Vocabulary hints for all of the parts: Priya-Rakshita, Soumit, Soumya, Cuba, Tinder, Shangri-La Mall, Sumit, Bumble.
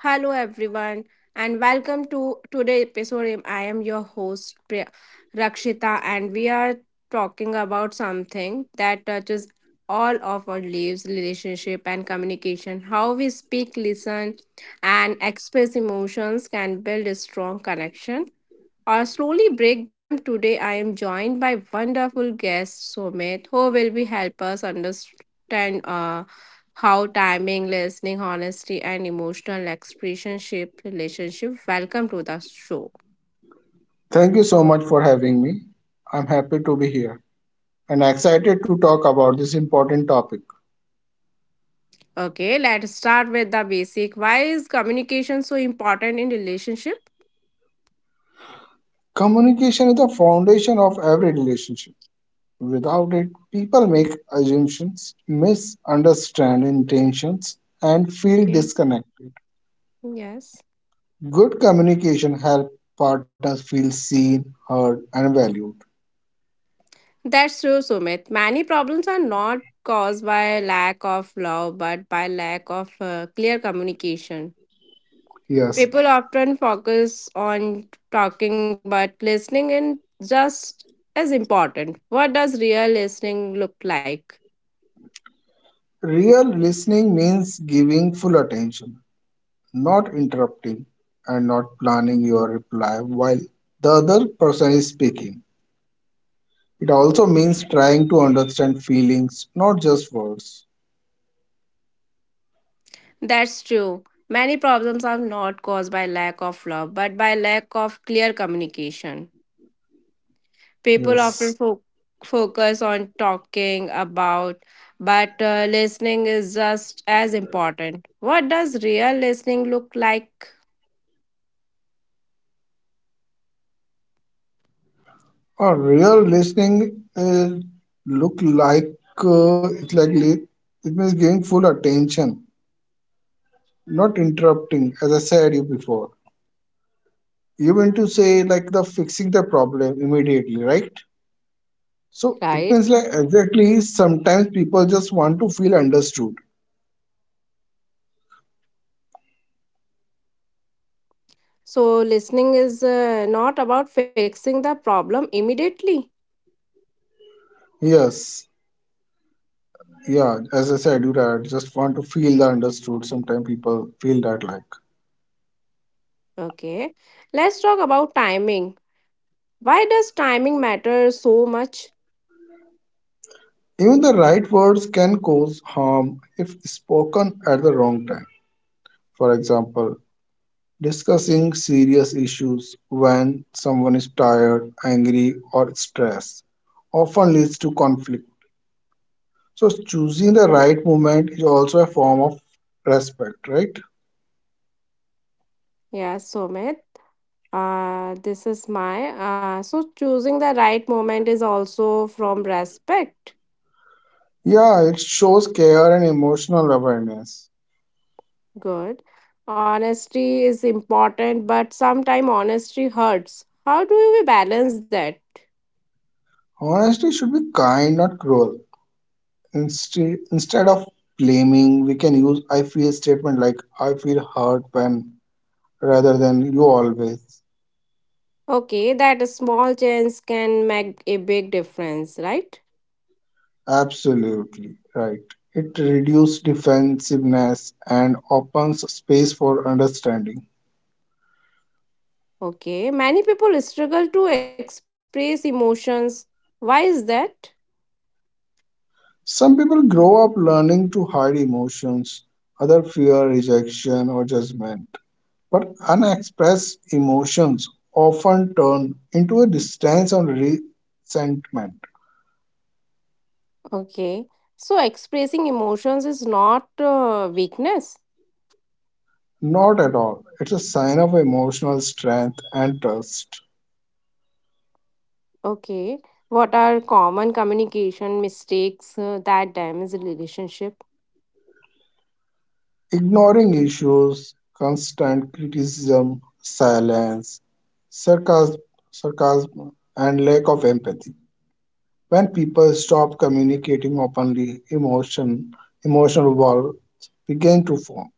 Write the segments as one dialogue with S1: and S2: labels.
S1: Hello everyone and welcome to today's episode. I am your host Priya- Rakshita and we are talking about something that touches all of our lives, relationship and communication. How we speak, listen and express emotions can build a strong connection I slowly break them today. I am joined by wonderful guest Sumit, who will be help us understand how timing, listening, honesty, and emotional expression shape relationship. Welcome to the show.
S2: Thank you so much for having me. I'm happy to be here and excited to talk about this important topic.
S1: Okay, let's start with the basic. Why is communication so important in relationship?
S2: Communication is the foundation of every relationship. Without it, people make assumptions, misunderstand intentions, and feel
S1: Okay,
S2: disconnected.
S1: yes.
S2: Good communication helps partners feel seen, heard, and valued.
S1: That's true, Sumit. Many problems are not caused by lack of love, but by lack of clear communication.
S2: Yes,
S1: People often focus on talking, but listening is just as important. What does real listening look like?
S2: real listening means giving full attention, not interrupting and not planning your reply while the other person is speaking. It also means trying to understand feelings, not just words.
S1: That's true. Many problems are not caused by lack of love, but by lack of clear communication. People often
S2: Yes.
S1: fo- Focus on talking about, but listening is just as important. What does real listening look like?
S2: A real listening, look like uh, it's like li- it means giving full attention, not interrupting. As I said you before, you mean to say like the fixing the problem immediately, right? So it
S1: Right.
S2: means like exactly sometimes people just want to feel understood.
S1: So, listening is not about fixing the problem immediately.
S2: Yes. Yeah, as I said, you are just want to feel the understood. Sometimes people feel that like
S1: Okay, let's talk about timing. Why does timing matter so much?
S2: even the right words can cause harm if spoken at the wrong time. For example, discussing serious issues when someone is tired, angry, or stressed often leads to conflict. So choosing the right moment is also a form of respect, right?
S1: Yeah, Sumit. This is my So choosing the right moment is also from respect.
S2: Yeah, it shows care and emotional awareness.
S1: Good. Honesty is important, but sometimes honesty hurts. How do we balance that?
S2: Honesty should be kind, not cruel. Instead of blaming, we can use I feel statement like I feel hurt when rather than you always.
S1: Okay, that a small change can make a big difference, right?
S2: Absolutely right. It reduces defensiveness and opens space for understanding.
S1: Okay, many people struggle to express emotions. Why is that?
S2: Some people grow up learning to hide emotions, other fear rejection or judgment. But unexpressed emotions often turn into a distance and resentment.
S1: Okay, so expressing emotions is not weakness.
S2: Not at all. It's a sign of emotional strength and trust.
S1: Okay, what are common communication mistakes that damage the relationship?
S2: Ignoring issues, constant criticism, silence, sarcasm, sarcasm, and lack of empathy. When people stop communicating openly, emotional walls begin to form.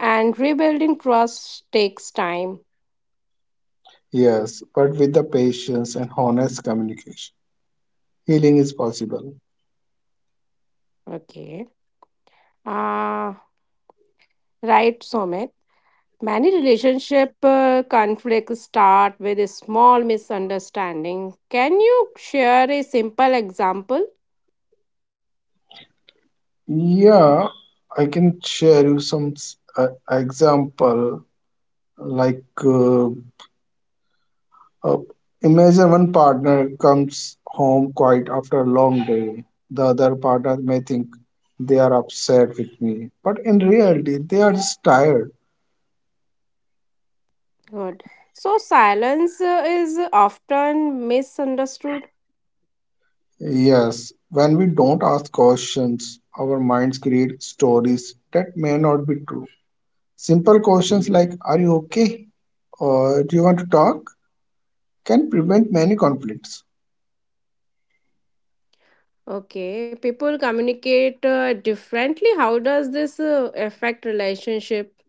S1: And rebuilding trust takes time.
S2: Yes, but with the patience and honest communication, healing is possible.
S1: Okay, uh, right, Somit. Many relationship conflicts start with a small misunderstanding. Can you share a simple example?
S2: Yeah, I can share you some example. Like, uh, uh, Imagine one partner comes home quiet after a long day. The other partner may think they are upset with me, but in reality, they are just tired.
S1: Good. So silence is often misunderstood.
S2: Yes, when we don't ask questions, our minds create stories that may not be true. Simple questions like, are you okay? Or do you want to talk? Can prevent many conflicts.
S1: Okay, people communicate differently. How does this affect relationship?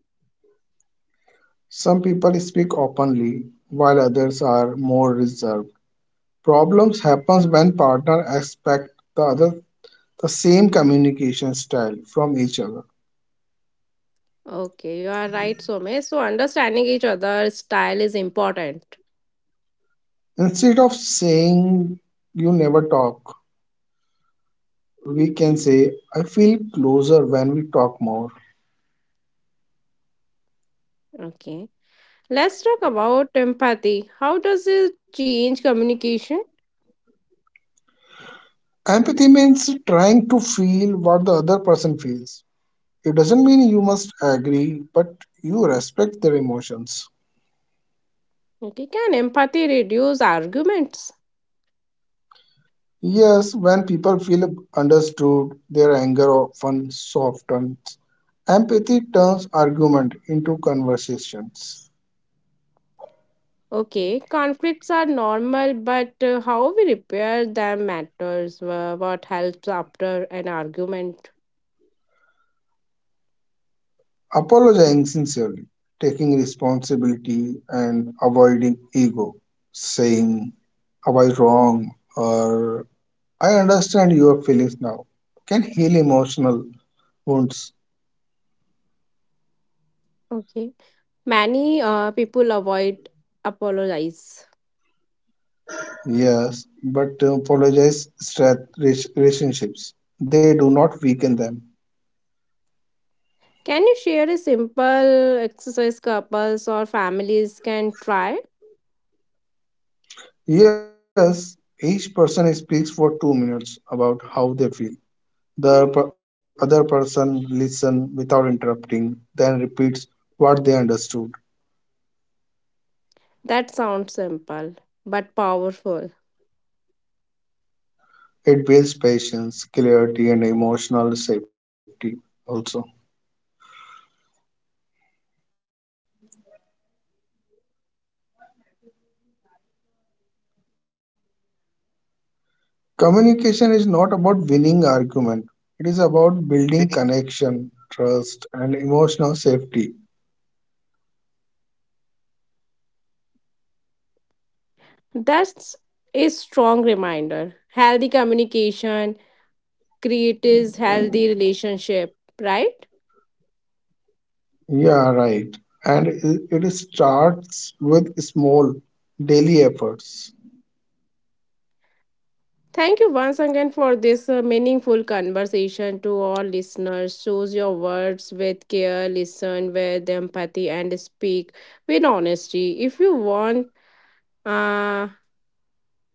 S2: Some people speak openly, while others are more reserved. Problems happens when partner expect the other the same communication style from each other.
S1: Okay, you are right, Somesh. So understanding each other's style is important.
S2: Instead of saying you never talk, we can say I feel closer when we talk more.
S1: Okay, let's talk about empathy. How does it change communication?
S2: Empathy means trying to feel what the other person feels. It doesn't mean you must agree, but you respect their emotions.
S1: Okay, can empathy reduce arguments?
S2: Yes, when people feel understood, their anger often softens. Empathy turns argument into conversations.
S1: Okay, conflicts are normal, but how we repair them matters. What helps after an argument?
S2: Apologizing sincerely, taking responsibility, and avoiding ego, saying, I was wrong, or I understand your feelings now, can heal emotional wounds.
S1: Okay. Many people avoid apologize.
S2: Yes, but apologize strength relationships. They do not weaken them.
S1: Can you share a simple exercise couples or families can try?
S2: Yes, each person speaks for 2 minutes about how they feel. The other person listens without interrupting, then repeats what they understood.
S1: That sounds simple but powerful.
S2: It builds patience, clarity, and emotional safety also. Communication is not about winning argument. It is about building connection, trust, and emotional safety.
S1: That's a strong reminder. Healthy communication creates healthy relationship, right?
S2: Yeah, right. And it starts with small daily efforts.
S1: Thank you once again for this meaningful conversation to all listeners. Choose your words with care, listen with empathy, and speak with honesty. If you want, uh,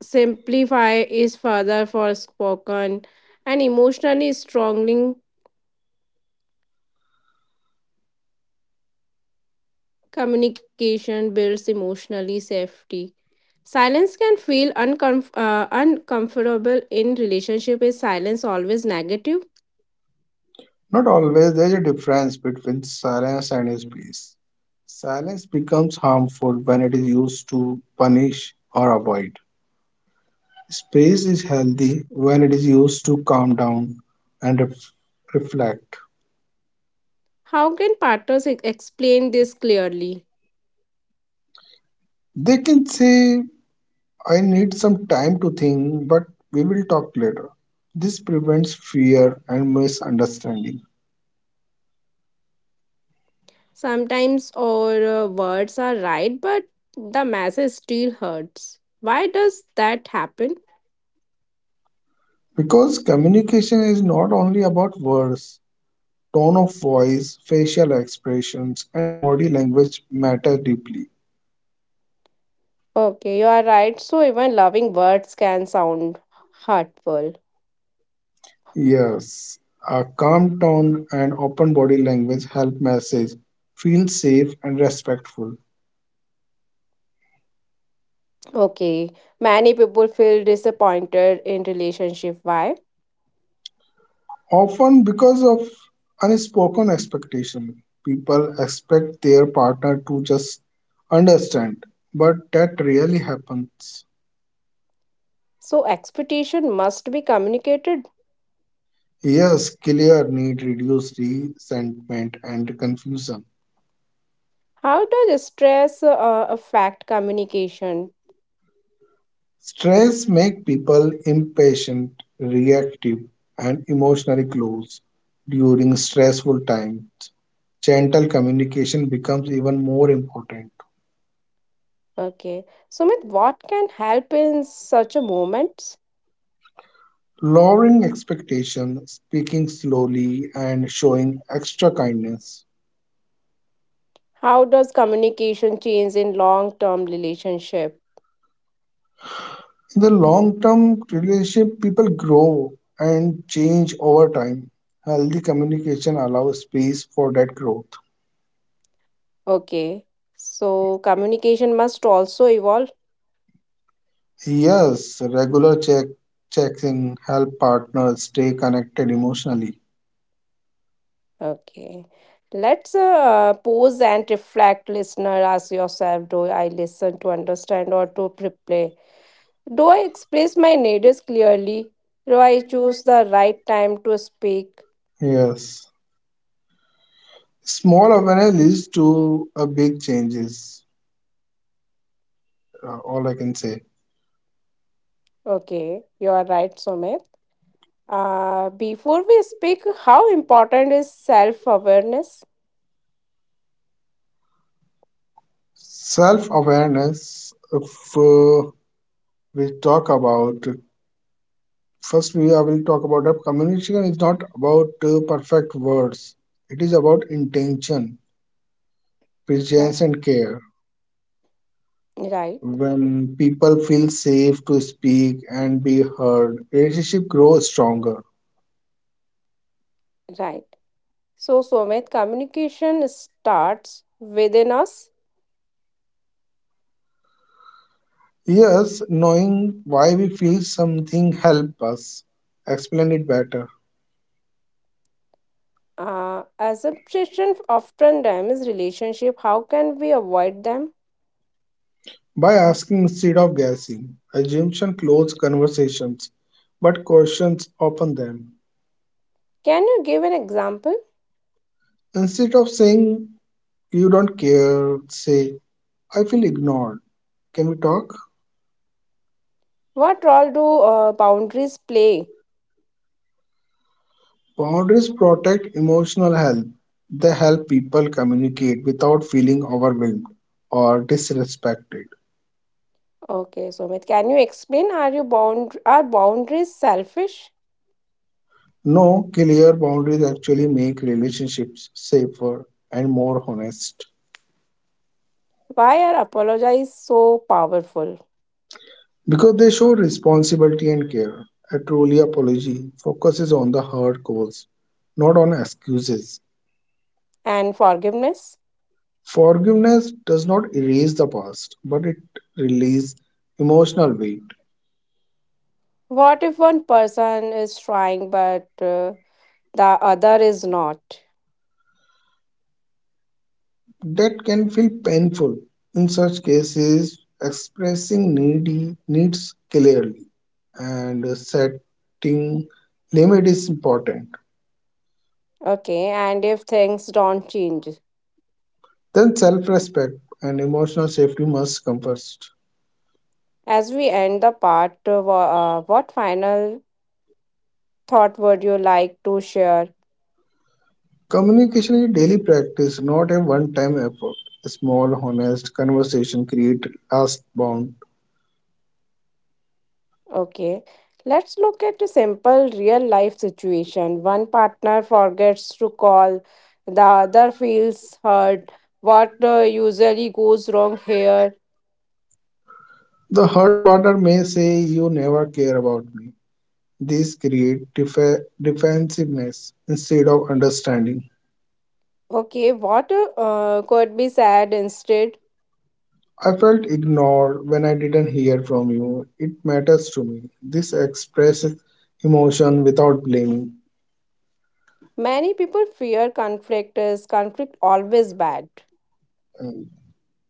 S1: simplify is further for spoken and emotionally strongly Communication builds emotionally safety. Silence can feel uncomfortable in relationship. Is silence always negative?
S2: Not always. There is a difference between silence and space. Silence becomes harmful when it is used to punish or avoid. Space is healthy when it is used to calm down and reflect.
S1: How can partners explain this clearly?
S2: They can say, I need some time to think, but we will talk later. This prevents fear and misunderstanding.
S1: Sometimes our words are right, but the message still hurts. Why does that happen?
S2: Because communication is not only about words. Tone of voice, facial expressions, and body language matter deeply.
S1: Okay, you are right. So even loving words can sound hurtful.
S2: Yes, a calm tone and open body language help message feel safe and respectful.
S1: Okay, many people feel disappointed in relationship. Why?
S2: Often because of unspoken expectation, people expect their partner to just understand, but that rarely happens.
S1: So expectation must be communicated.
S2: Yes, clear need reduce resentment and confusion.
S1: How does stress affect communication?
S2: Stress makes people impatient, reactive, and emotionally closed. During stressful times, gentle communication becomes even more important.
S1: Okay. Sumit, what can help in such a moments?
S2: Lowering expectations, speaking slowly, and showing extra kindness.
S1: How does communication change in long-term relationship?
S2: In the long term relationship, people grow and change over time. Healthy communication allows space for that growth.
S1: Okay. So communication must also evolve.
S2: Yes, regular checking help partners stay connected emotionally.
S1: Okay. Let's pose and reflect, listener. Ask yourself, do I listen to understand or to replay? Do I express my needs clearly? Do I choose the right time to speak?
S2: Yes. Small awareness leads to a big changes, all I can say.
S1: Okay, you are right, Sumit. Before we speak, how important is self awareness?
S2: Self awareness, if uh, we talk about, first we I will talk about that communication is not about perfect words, it is about intention,
S1: Right.
S2: presence, and care.
S1: Right,
S2: When people feel safe to speak and be heard, relationship grows stronger.
S1: right. So, Sumit, communication starts within us.
S2: Yes, knowing why we feel something help us explain it better
S1: Assumption often damages relationship. How can we avoid them?
S2: by asking instead of guessing. Assumption close conversations, but questions open them.
S1: Can you give an example?
S2: Instead of saying you don't care, say I feel ignored. Can we talk?
S1: What role do boundaries play?
S2: Boundaries protect emotional health. They help people communicate without feeling overwhelmed or disrespected.
S1: Okay, Sumit, can you explain are boundaries selfish?
S2: No, clear boundaries actually make relationships safer and more honest
S1: Why are apologies so powerful?
S2: because they show responsibility and care. A truly apology focuses on the hard cause, not on excuses.
S1: And forgiveness?
S2: Forgiveness does not erase the past, but it releases emotional weight
S1: What if one person is trying but the other is not?
S2: that can feel painful. In such cases, expressing needy needs clearly and setting limit is important.
S1: Okay, and if things don't change?
S2: Then self respect and emotional safety must come first.
S1: As we end the part, what final thought would you like to share?
S2: Communication is a daily practice, not a one time effort. A small, honest conversation create last bond.
S1: Okay, let's look at a simple real life situation. One partner forgets to call, the other feels hurt. What usually goes wrong here?
S2: The hurt partner may say, you never care about me. This create defensiveness instead of understanding.
S1: Okay, what could be said instead?
S2: I felt ignored when I didn't hear from you. It matters to me. This expresses emotion without blaming.
S1: Many people fear conflict is conflict always bad.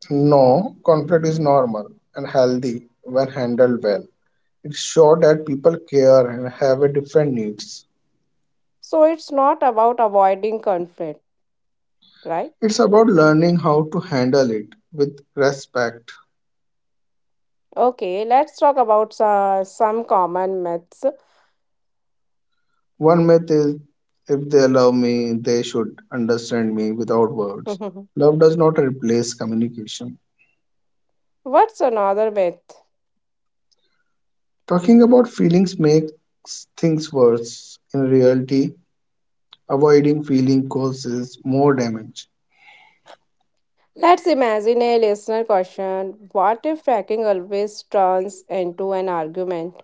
S2: No, conflict is normal and healthy when handled well. It shows that people care and have a different needs.
S1: So it's not about avoiding conflict, right?
S2: It's about learning how to handle it with respect.
S1: Okay, let's talk about some common myths.
S2: One myth is if they love me, they should understand me without words. Love does not replace communication.
S1: What's another myth?
S2: Talking about feelings makes things worse. In reality, avoiding feeling causes more damage.
S1: Let's imagine a listener question. What if tracking always turns into an argument?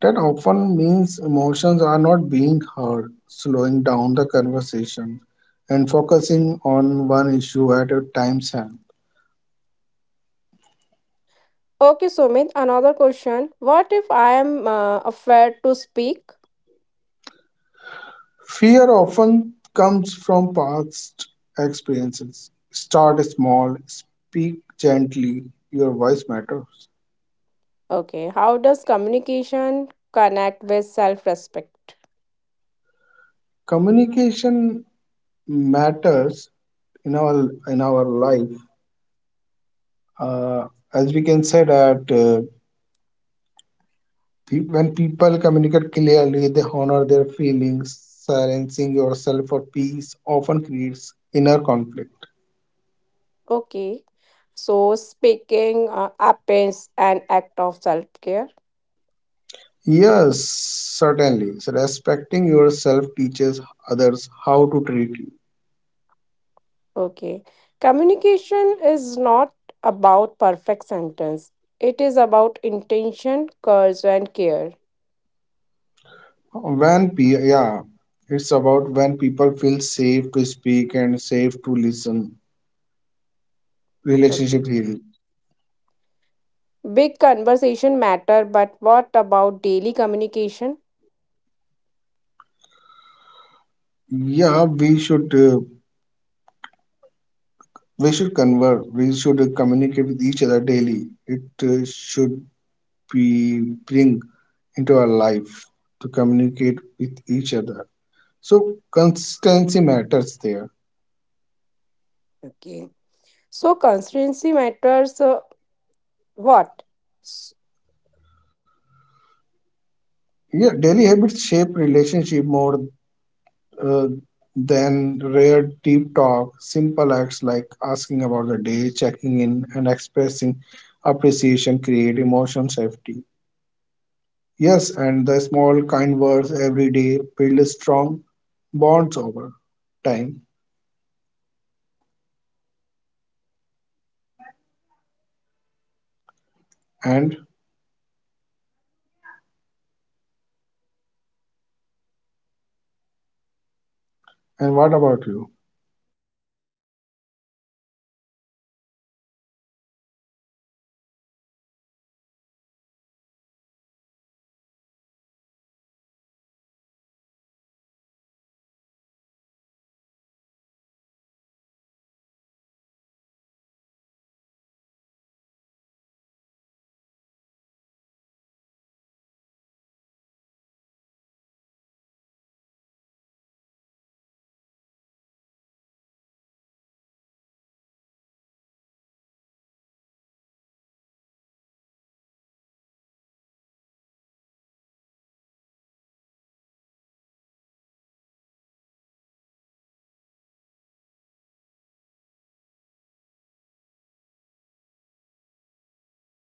S2: That often means emotions are not being heard, slowing down the conversation and focusing on one issue at a time's hand.
S1: Okay, Sumit, another question. What if I am afraid to speak?
S2: Fear often comes from past experiences. Start small, speak gently, your voice matters.
S1: Okay, how does communication connect with self respect?
S2: Communication matters in our life. Uh, as we can say that, when people communicate clearly, they honor their feelings. Silencing yourself for peace often creates inner conflict.
S1: Okay, so speaking happens an act of self care.
S2: Yes, certainly. So respecting yourself teaches others how to treat you.
S1: Okay, communication is not about perfect sentence, it is about intention, courage, and care.
S2: When yeah, it's about when people feel safe to speak and safe to listen.
S1: Okay.
S2: Relationship healing.
S1: Big conversation matter, but what about daily communication?
S2: Yeah, we should converse. We should communicate with each other daily. It should we bring into our life to communicate with each other. So consistency matters there.
S1: Okay. So consistency matters what?
S2: Yeah, daily habits shape relationship more uh, than rare deep talk. Simple acts like asking about the day, checking in, and expressing appreciation create emotional safety. Yes, and the small kind words every day build strong bonds over time. And and what about you?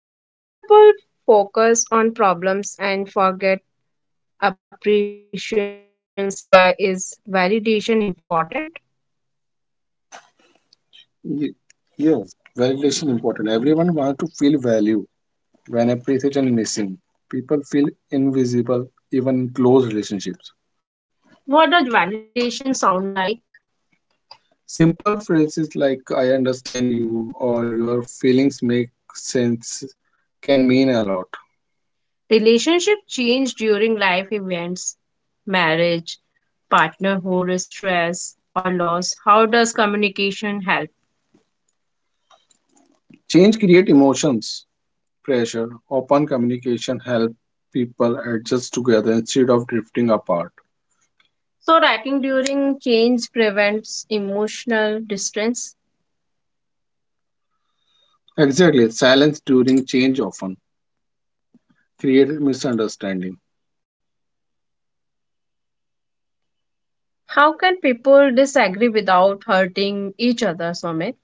S2: Many people focus on problems and forget appreciations. Why is validation important? Ye- Yes, validation important. Everyone wants to feel value. When appreciation is missing, people feel invisible, even in close relationships. What does validation sound like? Simple phrases like "I understand you" or "Your feelings make sense" can mean a lot. Relationship change during life events, marriage, partnerhood, stress, or loss. How does communication help? Change create emotions, pressure. Open communication help people adjust together instead of drifting apart. So, writing during change prevents emotional distance. Exactly, silence during change often creates misunderstanding. How can people disagree without hurting each other, Soumit?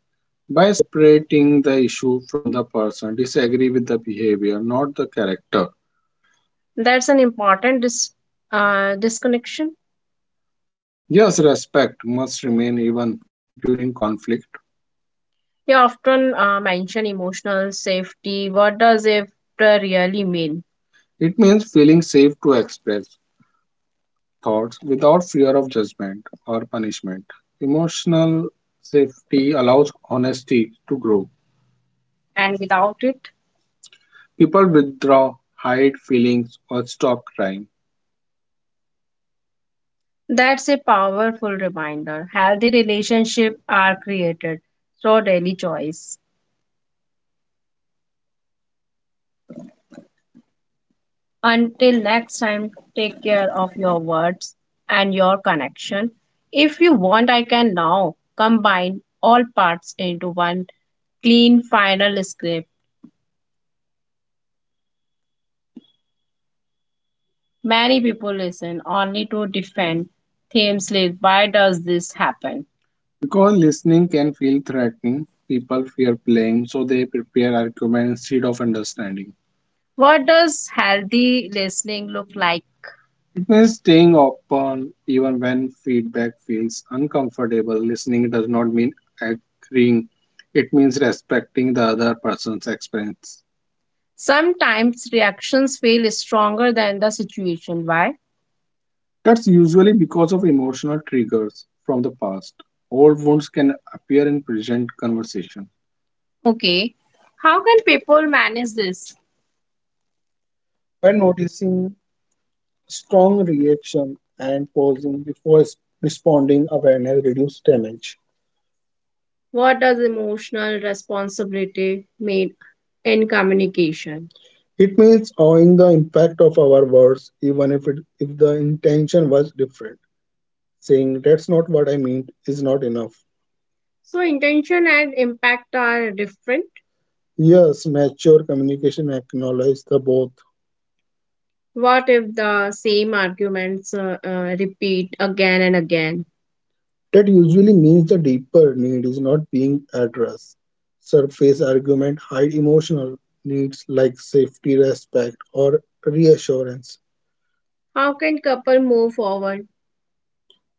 S2: By separating the issue from the person, disagree with the behavior, not the character. That's an important disconnection. Yes, respect must remain even during conflict. You often mention emotional safety. What does it really mean? It means feeling safe to express thoughts without fear of judgment or punishment. Emotional safety allows honesty to grow. And without it, people withdraw, hide feelings, or stop crying. That's a powerful reminder. Healthy relationships are created through daily choice. Until next time, take care of your words and your connection. If you want, I can now combine all parts into one clean final script. Many people listen only to defend themes like why does this happen? Because listening can feel threatening, people fear blame, so they prepare arguments instead of understanding. What does healthy listening look like? It means staying open even when feedback feels uncomfortable. Listening does not mean agreeing, it means respecting the other person's experience. Sometimes reactions feel stronger than the situation. Why? That's usually because of emotional triggers from the past. Old wounds can appear in present conversation. Okay. How can people manage this? By noticing strong reaction and pausing before responding, awareness reduce damage. What does emotional responsibility mean in communication? It means owning the impact of our words, even if the intention was different. Saying that's not what I meant is not enough. So, intention and impact are different. Yes, mature communication acknowledges the both. What if the same arguments repeat again and again? That usually means the deeper need is not being addressed. Surface argument hide emotional needs like safety, respect, or reassurance. How can couple move forward?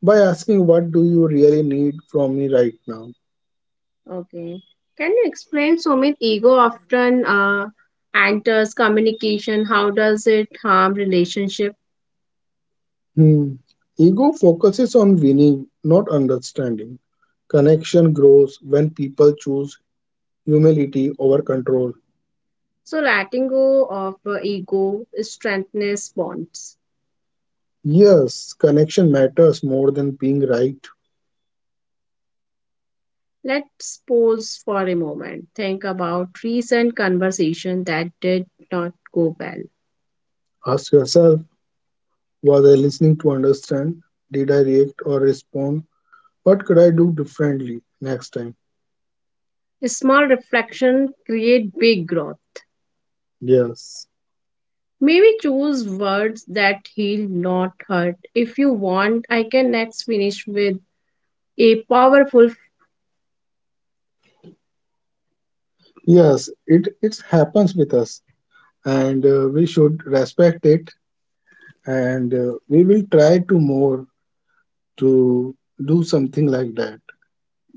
S2: By asking, "What do you really need from me right now?" Okay. Can you explain, Sumit, ego often enters communication. How does it harm relationship? Hmm. Ego focuses on winning, not understanding. Connection grows when people choose humility over control. So letting go of ego strengthens bonds. Yes, connection matters more than being right. Let's pause for a moment. Think about recent conversation that did not go well. Ask yourself, was I listening to understand? Did I react or respond? What could I do differently next time? Small reflection create big growth. Yes. Maybe choose words that heal, not hurt. If you want, I can next finish with a powerful. Yes, it happens with us and we should respect it, and we will try to more to do something like that,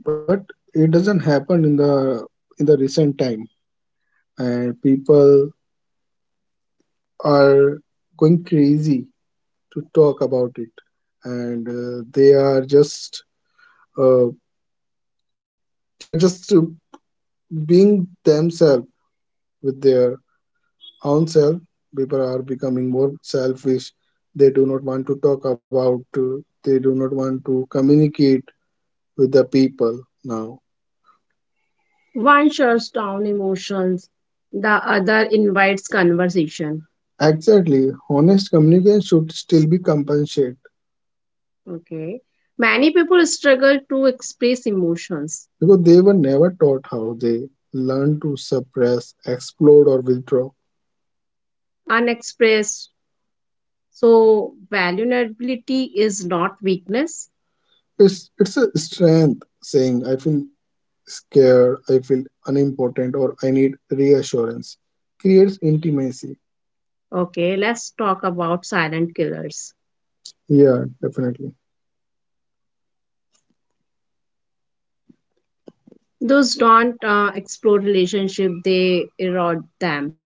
S2: but it doesn't happen in the recent time, and people are going crazy to talk about it, and they are just uh, they are just being themselves with their own self. People are becoming more selfish. They do not want to talk about they do not want to communicate with the people now. One shuts down emotions, the other invites conversation. Exactly, honest communication should still be compensated. Okay. Many people struggle to express emotions because they were never taught how. They learn to suppress, explode, or withdraw. Unexpressed. So, vulnerability is not weakness. It's a strength, saying I feel scared, I feel unimportant, or I need reassurance creates intimacy. Okay, let's talk about silent killers. Yeah, definitely. Those don't explore relationship; they erode them.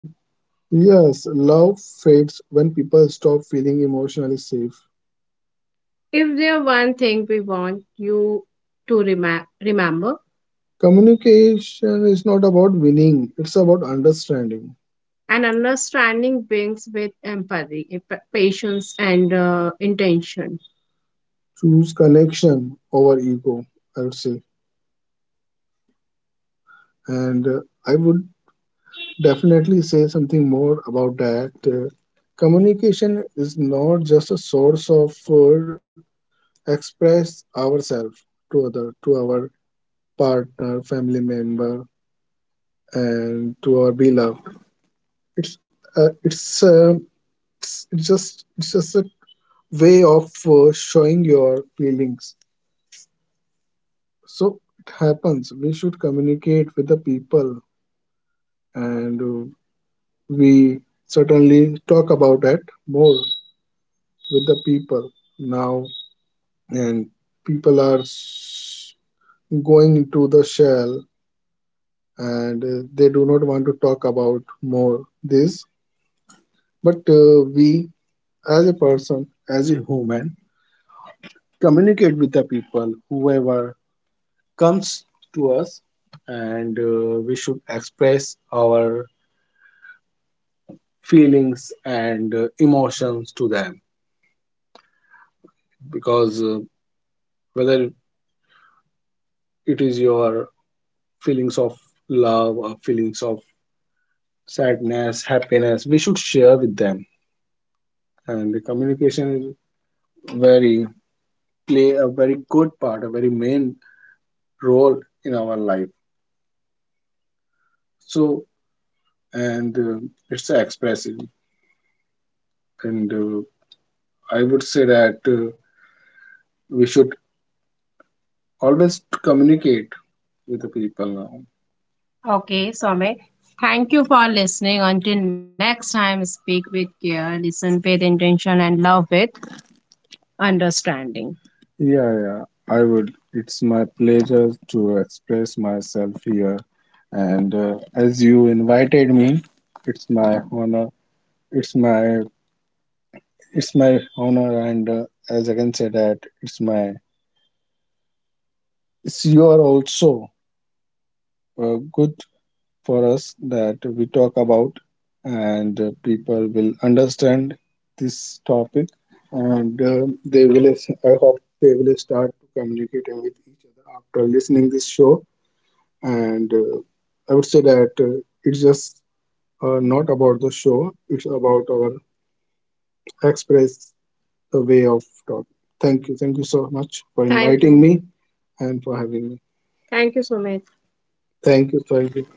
S2: Yes, love fades when people stop feeling emotionally safe. If there's one thing we want you to remember, communication is not about winning, it's about understanding. And understanding brings with empathy, patience, and intention. Choose connection over ego, I would say. And I would definitely say something more about that. Communication is not just a source of express ourselves to other, to our partner, family member, and to our beloved. It's uh, it's, uh, it's just a way of showing your feelings. So it happens. We should communicate with the people, and we certainly talk about it more with the people now. And people are going into the shell, and they do not want to talk about more this. But we, as a person, as a human, communicate with the people, whoever comes to us, and we should express our feelings and emotions to them, because whether it is your feelings of love or feelings of sadness, happiness, we should share with them. And the communication is very, play a very good part, a very main role in our life. So, and it's expressive, and I would say that we should always communicate to the people now. Okay, Soumya. Thank you for listening. Until next time, speak with care, listen with intention, and love with understanding. Yeah, yeah, I would. It's my pleasure to express myself here. And as you invited me, it's my honor. It's my it's my honor, and as I can say that it's your also a good for us that we talk about, and people will understand this topic, and they will. I hope they will start to communicating with each other after listening this show. And I would say that it's just not about the show; it's about our express, the way of talk. Thank you so much for thank inviting you me and for having me. Thank you so much. Thank you, thank you.